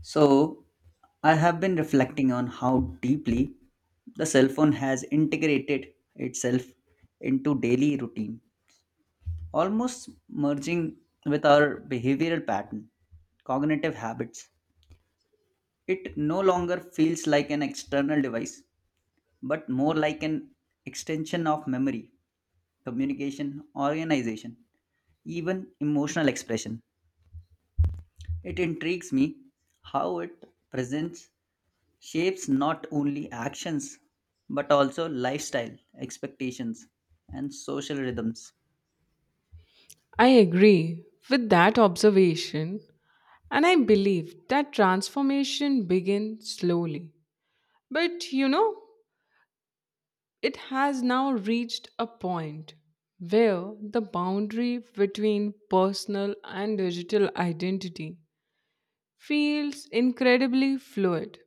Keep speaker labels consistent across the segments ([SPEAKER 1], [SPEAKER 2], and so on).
[SPEAKER 1] So, I have been reflecting on how deeply the cell phone has integrated itself into daily routine, almost merging with our behavioral pattern, cognitive habits. It no longer feels like an external device, but more like an extension of memory, communication, organization, even emotional expression. It intrigues me how it presents shapes not only actions but also lifestyle, expectations, and social rhythms.
[SPEAKER 2] I agree with that observation, and I believe that transformation begins slowly. But you know, it has now reached a point where the boundary between personal and digital identity feels incredibly fluid.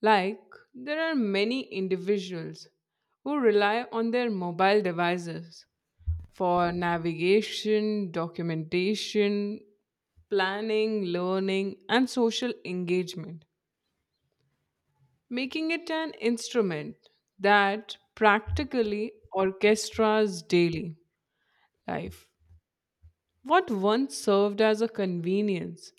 [SPEAKER 2] Like, there are many individuals who rely on their mobile devices for navigation, documentation, planning, learning, and social engagement, making it an instrument that practically orchestras daily life. What once served as a convenience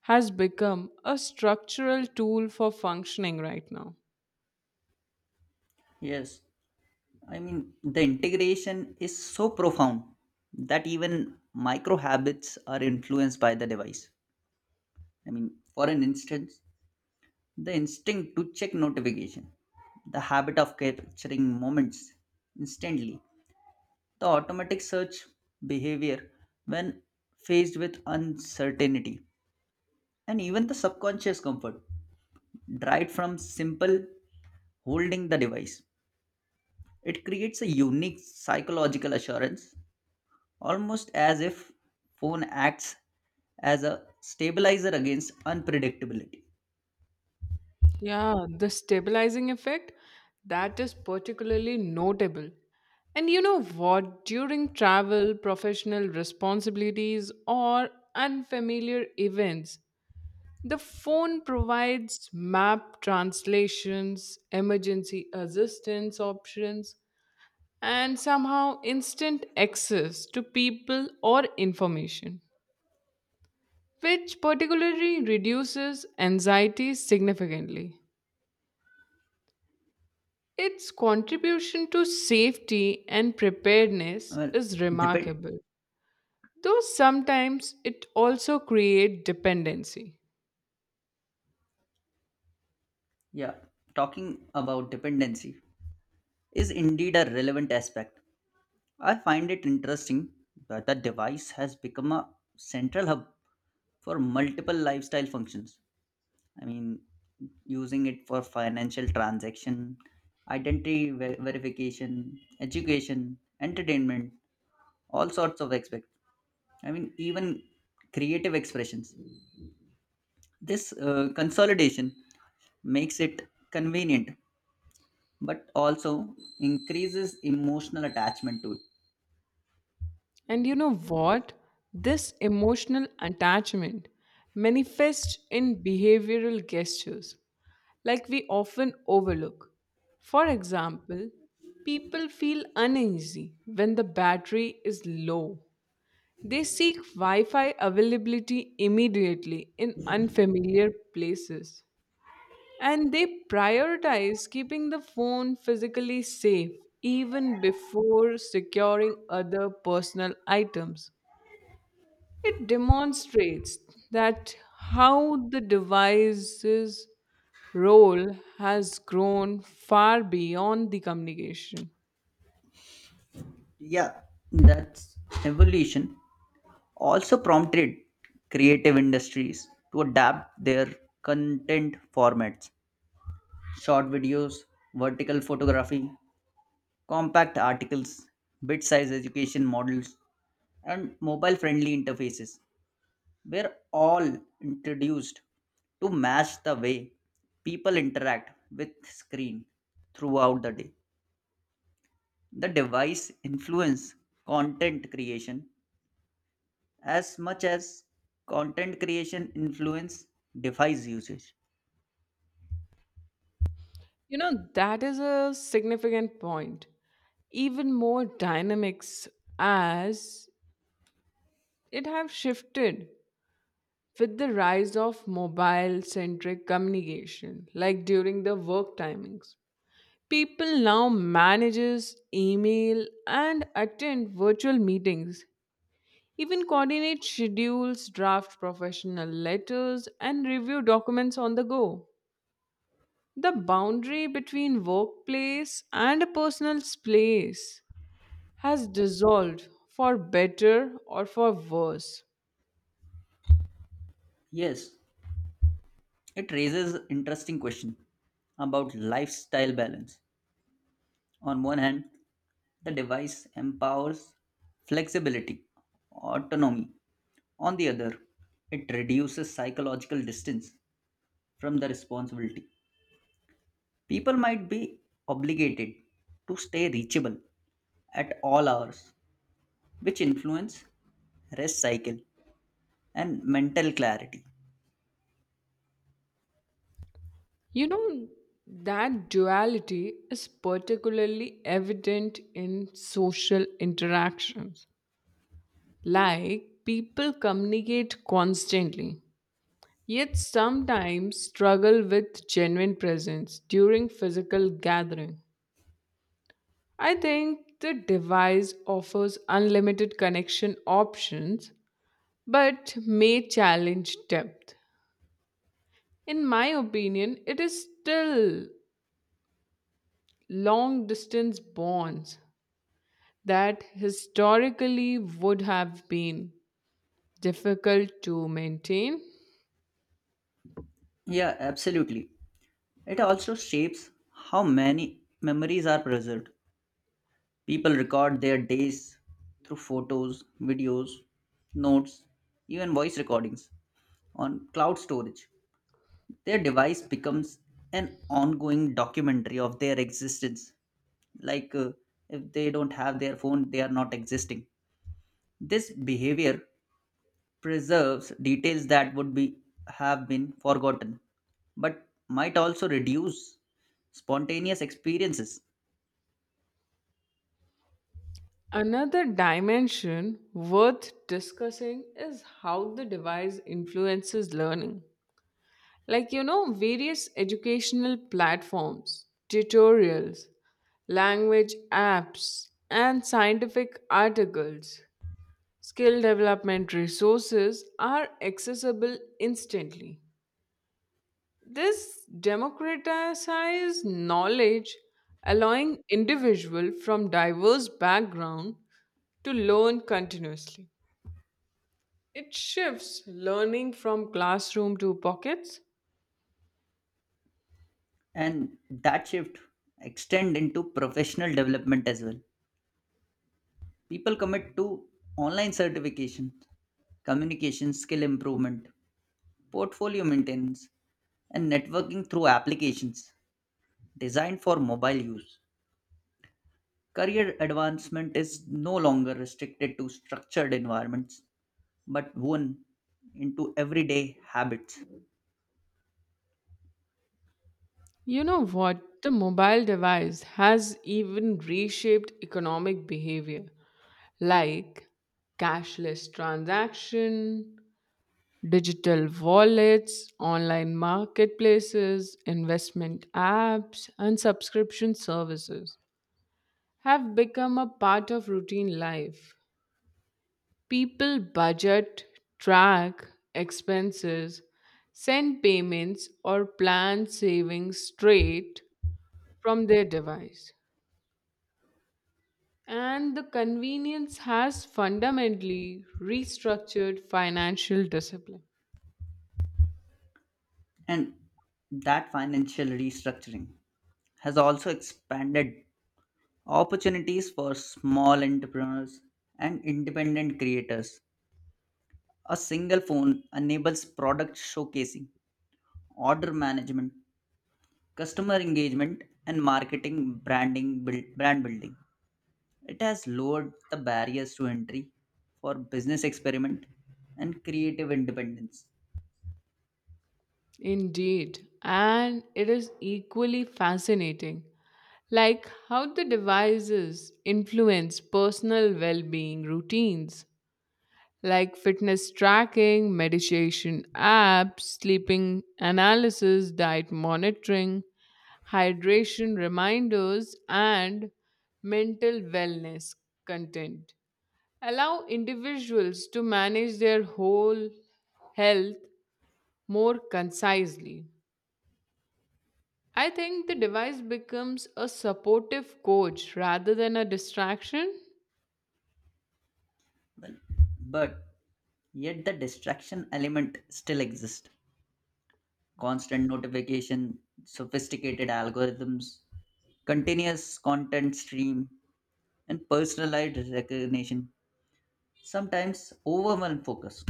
[SPEAKER 2] has become a structural tool for functioning right now.
[SPEAKER 1] Yes, the integration is so profound that even micro habits are influenced by the device. For an instance, the instinct to check notification, the habit of capturing moments instantly, the automatic search behavior when faced with uncertainty, and even the subconscious comfort Dried from simple holding the device, it creates a unique psychological assurance, almost as if phone acts as a stabilizer against unpredictability.
[SPEAKER 2] Yeah, the stabilizing effect that is particularly notable. And you know what? During travel, professional responsibilities, or unfamiliar events, the phone provides map translations, emergency assistance options, and somehow instant access to people or information, which particularly reduces anxiety significantly. Its contribution to safety and preparedness
[SPEAKER 1] Well,
[SPEAKER 2] is
[SPEAKER 1] depend.
[SPEAKER 2] remarkable, though sometimes it also creates dependency.
[SPEAKER 1] Yeah, talking about dependency is indeed a relevant aspect. I find it interesting that the device has become a central hub for multiple lifestyle functions. I mean, Using it for financial transaction, verification, education, entertainment, all sorts of aspects. Even creative expressions. This consolidation makes it convenient, but also increases emotional attachment to it.
[SPEAKER 2] And you know what? This emotional attachment manifests in behavioral gestures, like we often overlook. For example, people feel uneasy when the battery is low. They seek Wi Fi availability immediately in unfamiliar places. And they prioritize keeping the phone physically safe even before securing other personal items. It demonstrates that how the device's role has grown far beyond the communication.
[SPEAKER 1] Yeah, that's evolution. Also prompted creative industries to adapt their content formats short videos, vertical photography, compact articles, bit size education models, and mobile friendly interfaces were all introduced to match the way people interact with screen throughout the day. The device influence content creation as much as content creation influence device usage.
[SPEAKER 2] You know, that is a significant point. Even more dynamics as it have shifted with the rise of mobile centric communication like during the work timings. People now manages email and attend virtual meetings, even coordinate schedules, draft professional letters, and review documents on the go. The boundary between workplace and a personal space has dissolved for better or for worse.
[SPEAKER 1] Yes, it raises interesting question about lifestyle balance. On one hand, the device empowers flexibility, autonomy. On the other, it reduces psychological distance from the responsibility. People might be obligated to stay reachable at all hours, which influence rest cycle and mental clarity.
[SPEAKER 2] You know, that duality is particularly evident in social interactions. Like, people communicate constantly yet sometimes struggle with genuine presence during physical gathering. I think the device offers unlimited connection options but may challenge depth. In my opinion, it is still long distance bonds that historically would have been difficult to maintain.
[SPEAKER 1] Yeah, absolutely. It also shapes how many memories are preserved. People record their days through photos, videos, notes, even voice recordings on cloud storage. Their device becomes an ongoing documentary of their existence. Like if they don't have their phone, they are not existing. This behavior preserves details that would be have been forgotten, but might also reduce spontaneous experiences.
[SPEAKER 2] Another dimension worth discussing is how the device influences learning. Like, you know, various educational platforms, tutorials, language apps, and scientific articles, skill development resources are accessible instantly. This democratizes knowledge, allowing individuals from diverse backgrounds to learn continuously. It shifts learning from classroom to pockets.
[SPEAKER 1] And that shift extend into professional development as well. People commit to online certification, communication skill improvement, portfolio maintenance, and networking through applications designed for mobile use. Career advancement is no longer restricted to structured environments but woven into everyday habits.
[SPEAKER 2] You know what? The mobile device has even reshaped economic behavior, like cashless transaction, digital wallets, online marketplaces, investment apps, and subscription services have become a part of routine life. People budget, track expenses, send payments, or plan savings straight from their device. And the convenience has fundamentally restructured financial discipline.
[SPEAKER 1] And that financial restructuring has also expanded opportunities for small entrepreneurs and independent creators. A single phone enables product showcasing, order management, customer engagement, and brand building. It has lowered the barriers to entry for business experiment and creative independence.
[SPEAKER 2] Indeed. And it is equally fascinating. Like how the devices influence personal well being routines, like fitness tracking, meditation apps, sleeping analysis, diet monitoring, hydration reminders, and mental wellness content. Allow individuals to manage their whole health more concisely. I think the device becomes a supportive coach rather than a distraction.
[SPEAKER 1] But yet the distraction element still exists. Constant notification, sophisticated algorithms, continuous content stream, and personalized recognition sometimes overwhelm focus.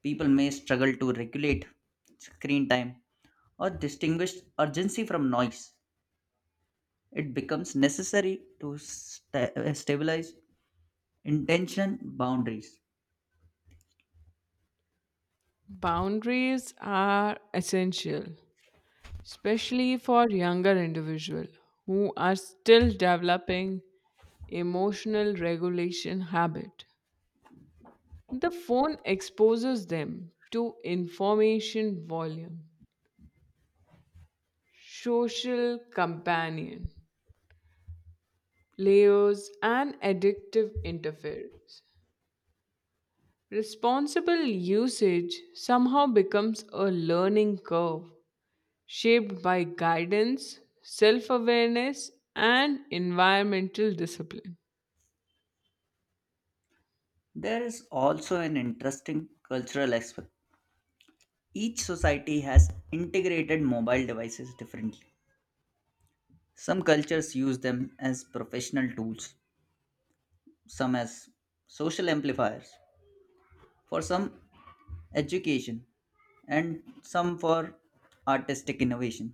[SPEAKER 1] People may struggle to regulate screen time or distinguish urgency from noise. It becomes necessary to stabilize intention boundaries.
[SPEAKER 2] Boundaries are essential, especially for younger individuals who are still developing emotional regulation habit. The phone exposes them to information volume, social companion, layers and addictive interference. Responsible usage somehow becomes a learning curve shaped by guidance, self awareness, and environmental discipline.
[SPEAKER 1] There is also an interesting cultural aspect. Each society has integrated mobile devices differently. Some cultures use them as professional tools, some as social amplifiers, for some education, and some for artistic innovation.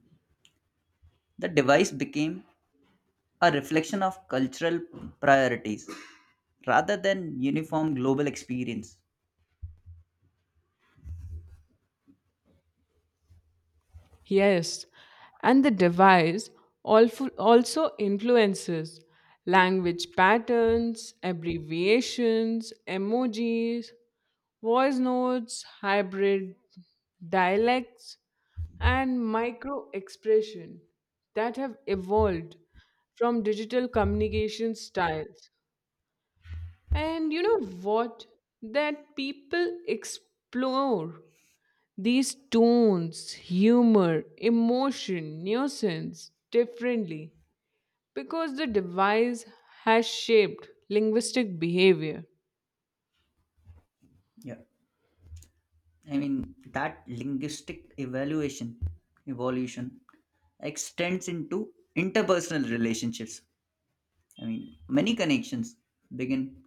[SPEAKER 1] The device became a reflection of cultural priorities rather than uniform global experience.
[SPEAKER 2] Yes, and the device also influences language patterns, abbreviations, emojis, voice notes, hybrid dialects, and micro expression that have evolved from digital communication styles. And you know what? That people explore these tones, humor, emotion, nuisance differently because the device has shaped linguistic behavior.
[SPEAKER 1] Yeah. That evolution, extends into interpersonal relationships. Many connections begin,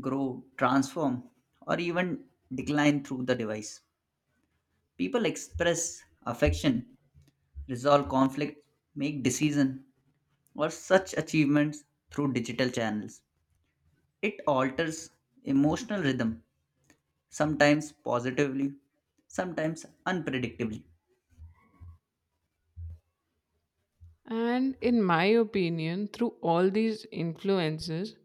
[SPEAKER 1] grow, transform, or even decline through the device. People express affection, resolve conflict, make decision, or such achievements through digital channels. It alters emotional rhythm, sometimes positively, sometimes unpredictably.
[SPEAKER 2] And in my opinion, through all these influences,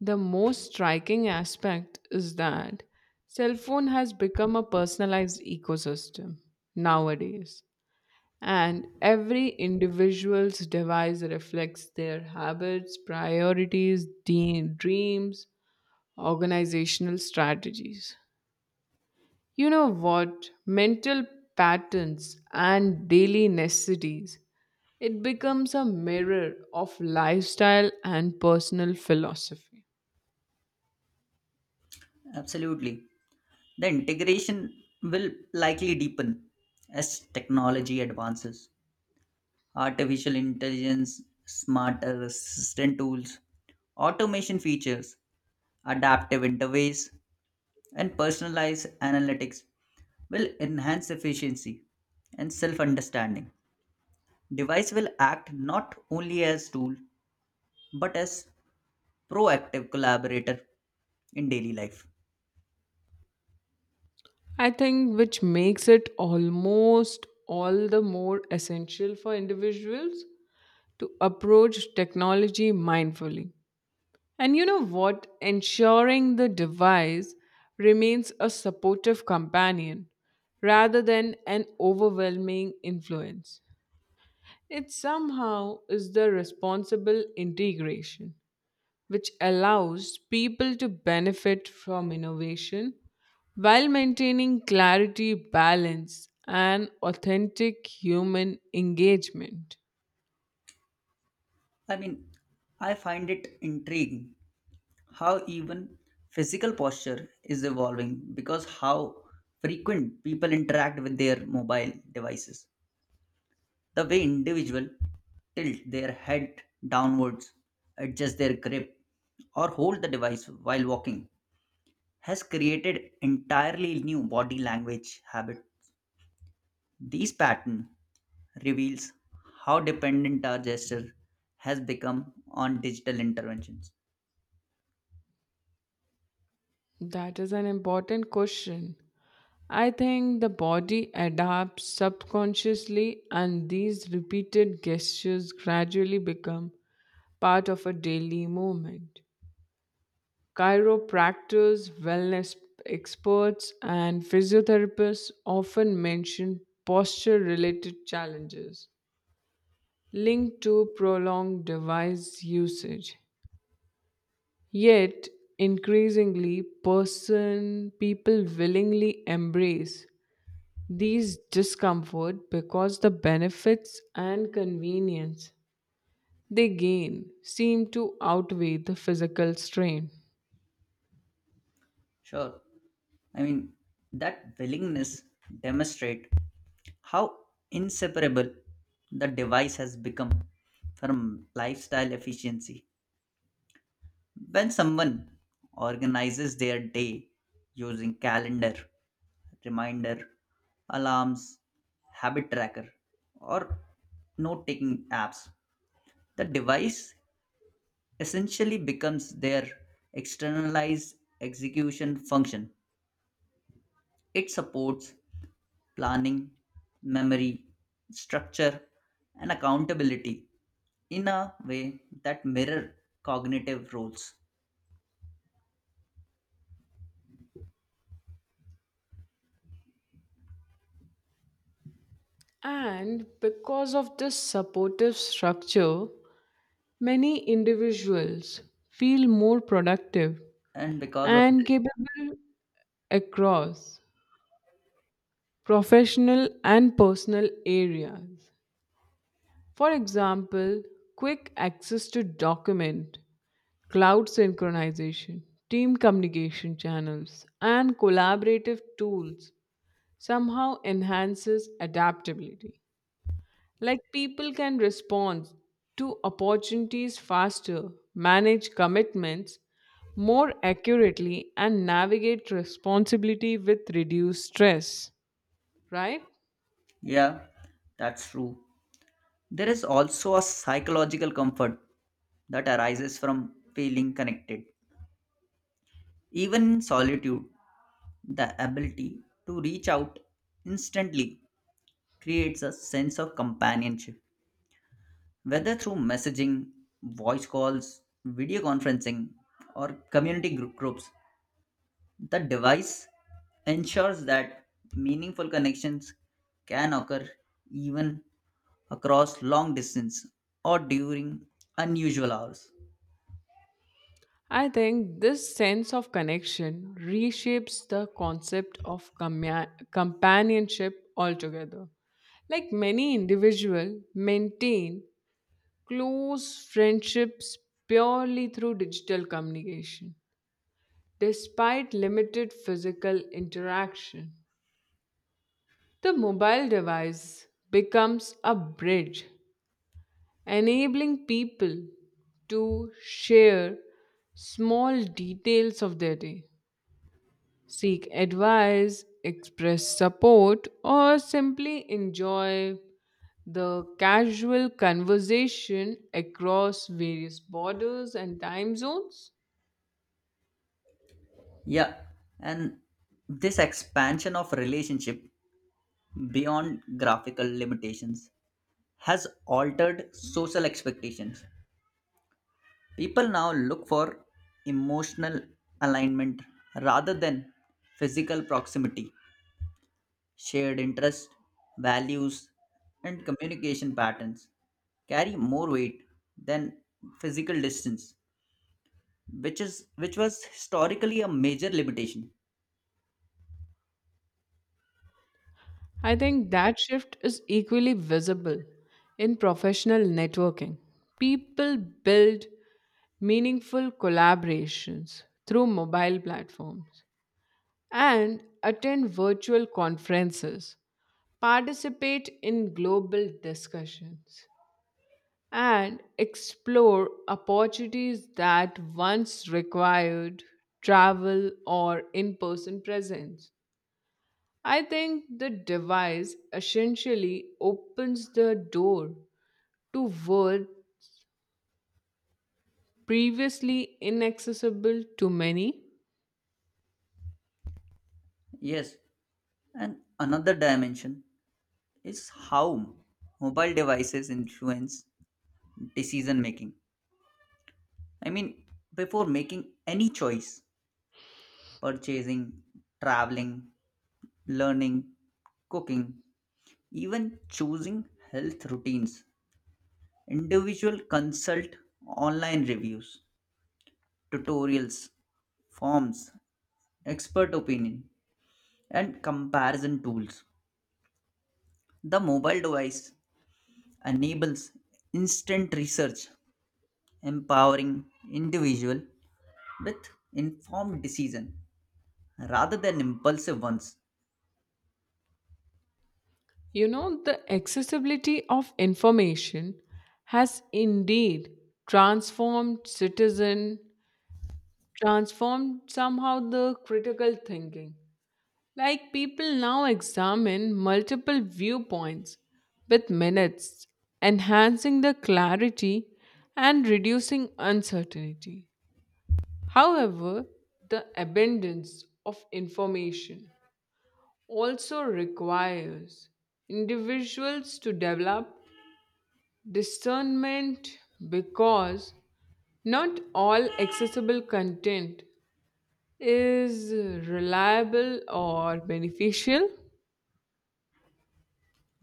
[SPEAKER 2] the most striking aspect is that cell phone has become a personalized ecosystem nowadays. And every individual's device reflects their habits, priorities, dreams, organizational strategies. You know what? Mental patterns and daily necessities. It becomes a mirror of lifestyle and personal philosophy.
[SPEAKER 1] Absolutely. The integration will likely deepen as technology advances artificial intelligence, smart assistant tools, automation features, adaptive interface, and personalized analytics will enhance efficiency and self understanding. Device will act not only as tool but as proactive collaborator in daily life.
[SPEAKER 2] I think which makes it almost all the more essential for individuals to approach technology mindfully. And you know what? Ensuring the device remains a supportive companion rather than an overwhelming influence. It somehow is the responsible integration which allows people to benefit from innovation while maintaining clarity, balance, and authentic human engagement.
[SPEAKER 1] I mean, I find it intriguing how even physical posture is evolving because how frequent people interact with their mobile devices. The way individual tilt their head downwards, adjust their grip, or hold the device while walking has created entirely new body language habit. These pattern reveals how dependent our gesture has become on digital interventions.
[SPEAKER 2] That is an important question. I think the body adapts subconsciously, and these repeated gestures gradually become part of a daily movement. Chiropractors, wellness experts, and physiotherapists often mention posture related challenges linked to prolonged device usage. Yet, increasingly, person people willingly embrace these discomfort because the benefits and convenience they gain seem to outweigh the physical strain.
[SPEAKER 1] Sure. I mean, that willingness demonstrate how inseparable the device has become from lifestyle efficiency. When someone organizes their day using calendar, reminder, alarms, habit tracker, or note taking apps, the device essentially becomes their externalized execution function. It supports planning, memory, structure, and accountability in a way that mirror cognitive roles.
[SPEAKER 2] And because of this supportive structure, many individuals feel more productive
[SPEAKER 1] And because of
[SPEAKER 2] and
[SPEAKER 1] this,
[SPEAKER 2] capable across professional and personal areas. For example, quick access to document, cloud synchronization, team communication channels, and collaborative tools somehow enhances adaptability. Like people can respond to opportunities faster, manage commitments more accurately, and navigate responsibility with reduced stress, right?
[SPEAKER 1] yeah, that's true. There is also a psychological comfort that arises from feeling connected. Even in solitude, the ability to reach out instantly creates a sense of companionship. Whether through messaging, voice calls, video conferencing, or community groups, the device ensures that meaningful connections can occur even across long distance or during unusual hours.
[SPEAKER 2] I think this sense of connection reshapes the concept of companionship altogether. Like many individuals maintain close friendships purely through digital communication. Despite limited physical interaction, the mobile device becomes a bridge, enabling people to share small details of their day, seek advice, express support, or simply enjoy the casual conversation across various borders and time zones.
[SPEAKER 1] Yeah, and this expansion of relationship beyond graphical limitations has altered social expectations. People now look for emotional alignment rather than physical proximity. Shared interests, values, and communication patterns carry more weight than physical distance, which was historically a major limitation.
[SPEAKER 2] I think that shift is equally visible in professional networking. People build meaningful collaborations through mobile platforms and attend virtual conferences, participate in global discussions, and explore opportunities that once required travel or in person presence. I think the device essentially opens the door to world previously inaccessible to many.
[SPEAKER 1] Yes, and another dimension is how mobile devices influence decision making. I mean, Before making any choice, purchasing, traveling, learning, cooking, even choosing health routines, individual consult, online reviews, tutorials, forms, expert opinion, and comparison tools. The mobile device enables instant research, empowering individual with informed decision rather than impulsive ones.
[SPEAKER 2] You know, the accessibility of information has indeed transformed citizen, transformed somehow the critical thinking. Like people now examine multiple viewpoints with minutes, enhancing the clarity and reducing uncertainty. However, the abundance of information also requires individuals to develop discernment because not all accessible content is reliable or beneficial.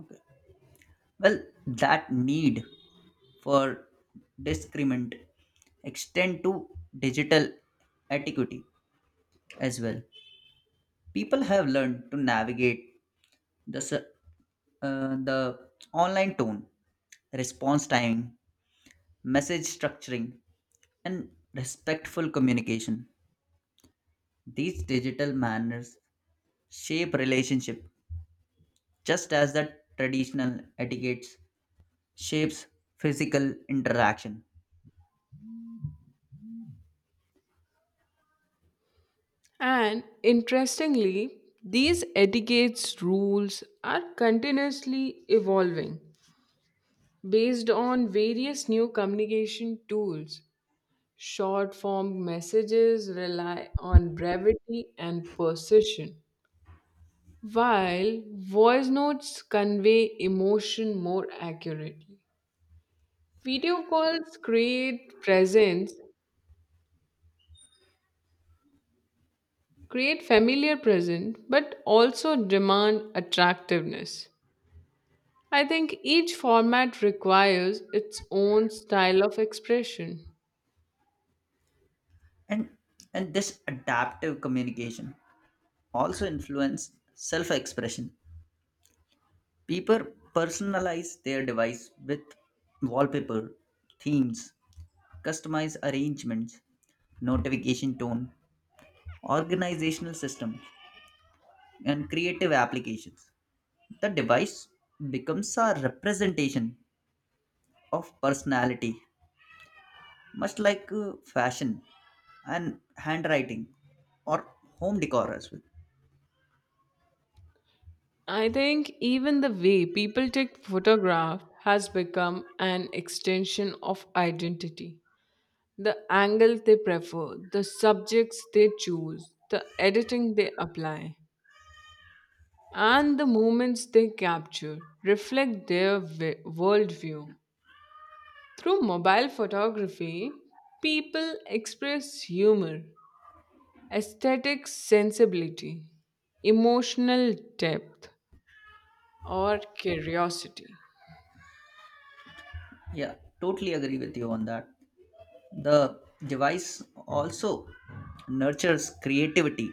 [SPEAKER 1] Okay. Well, that need for discrement extend to digital etiquette as well. People have learned to navigate the, s- the online tone, response timing, message structuring, and respectful communication. These digital manners shape relationship just as the traditional etiquettes shapes physical interaction.
[SPEAKER 2] And interestingly, these etiquettes rules are continuously evolving based on various new communication tools. Short form messages rely on brevity and precision, while voice notes convey emotion more accurately. Video calls create presence, create familiar presence, but also demand attractiveness. I think each format requires its own style of expression.
[SPEAKER 1] And and this adaptive communication also influence self expression. People personalize their device with wallpaper, themes, customized arrangements, notification tone, organizational systems, and creative applications. The device becomes a representation of personality, much like fashion and handwriting or home decor as well.
[SPEAKER 2] I think even the way people take photograph has become an extension of identity. The angle they prefer, the subjects they choose, the editing they apply, and the moments they capture reflect their worldview. Through mobile photography, people express humor, aesthetic sensibility, emotional depth, or curiosity.
[SPEAKER 1] Yeah, totally agree with you on that. The device also nurtures creativity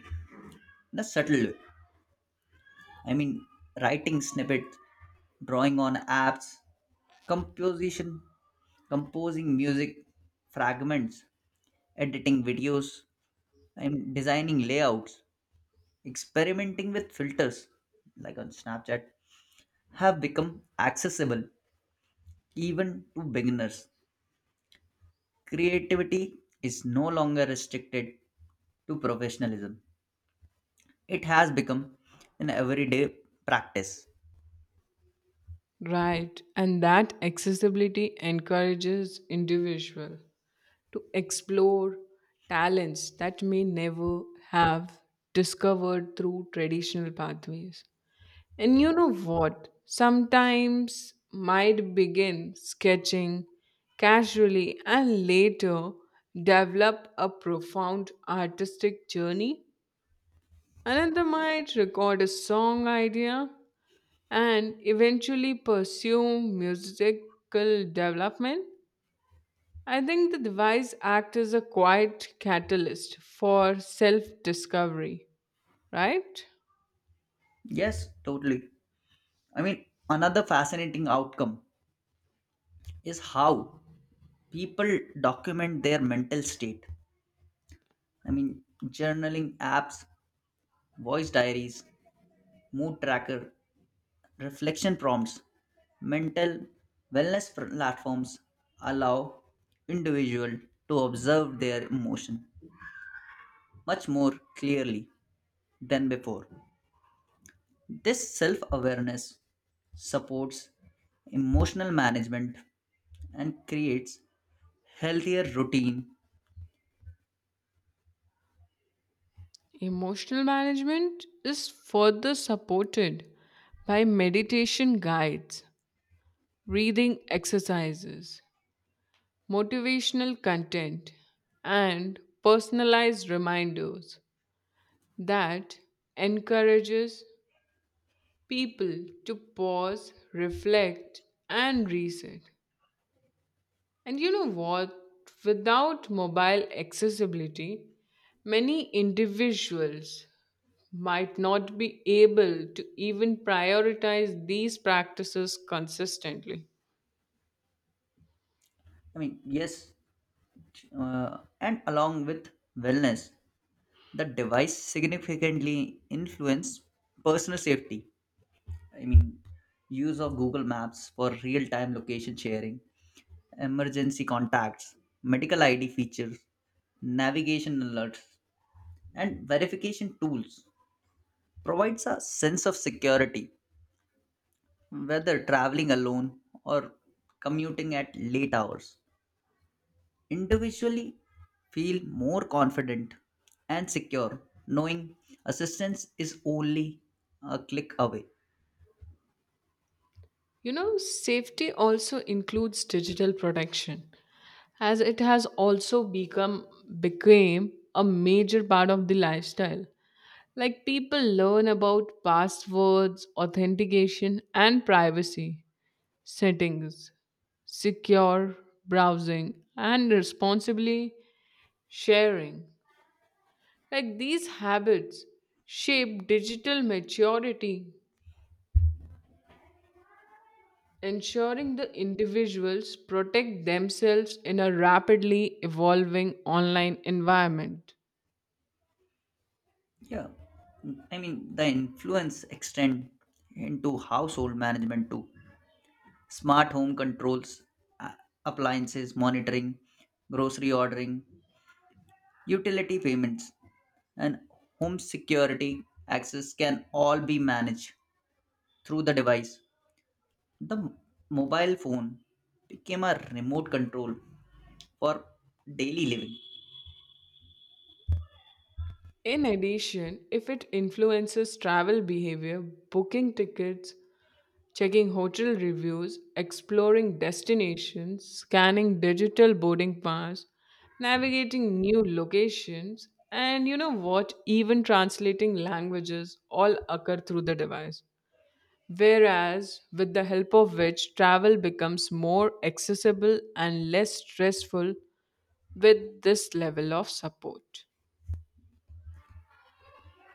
[SPEAKER 1] in a subtle way. I mean, Writing snippets, drawing on apps, composition, composing music fragments, editing videos, and designing layouts, experimenting with filters like on Snapchat have become accessible even to beginners. Creativity is no longer restricted to professionalism. It has become an everyday practice.
[SPEAKER 2] Right, and that accessibility encourages individual to explore talents that may never have discovered through traditional pathways. And you know what? Sometimes might begin sketching casually and later develop a profound artistic journey. Another might record a song idea and eventually pursue musical development. I think the device acts as a quiet catalyst for self discovery, right?
[SPEAKER 1] Yes, totally. Another fascinating outcome is how people document their mental state. Journaling apps, voice diaries, mood tracker, reflection prompts, mental platforms allow individual to observe their emotion much more clearly than before. This self awareness supports emotional management and creates healthier routine.
[SPEAKER 2] Emotional management is further supported by meditation guides, breathing exercises, motivational content, and personalized reminders. That encourages people to pause, reflect, and reset. And you know what? Without mobile accessibility, many individuals might not be able to even prioritize these practices consistently.
[SPEAKER 1] Yes, and along with wellness, the device significantly influence personal safety. I mean, Use of Google Maps for real time location sharing, emergency contacts, medical ID features, navigation alerts, and verification tools provides a sense of security whether traveling alone or commuting at late hours. Individually, feel more confident and secure knowing assistance is only a click away.
[SPEAKER 2] You know, safety also includes digital protection as it has also become became a major part of the lifestyle. Like people learn about passwords, authentication, and privacy settings, secure browsing, and responsibly sharing. Like these habits shape digital maturity, ensuring the individuals protect themselves in a rapidly evolving online environment.
[SPEAKER 1] Yeah, the influence extend into household management too. Smart home controls, a- appliances monitoring, grocery ordering, utility payments, and home security access can all be managed through the device. The mobile phone became a remote control for daily living.
[SPEAKER 2] In addition, if it influences travel behavior, booking tickets, checking hotel reviews, exploring destinations, scanning digital boarding pass, navigating new locations, and you know what, even translating languages all occur through the device. Whereas, with the help of which, travel becomes more accessible and less stressful with this level of support.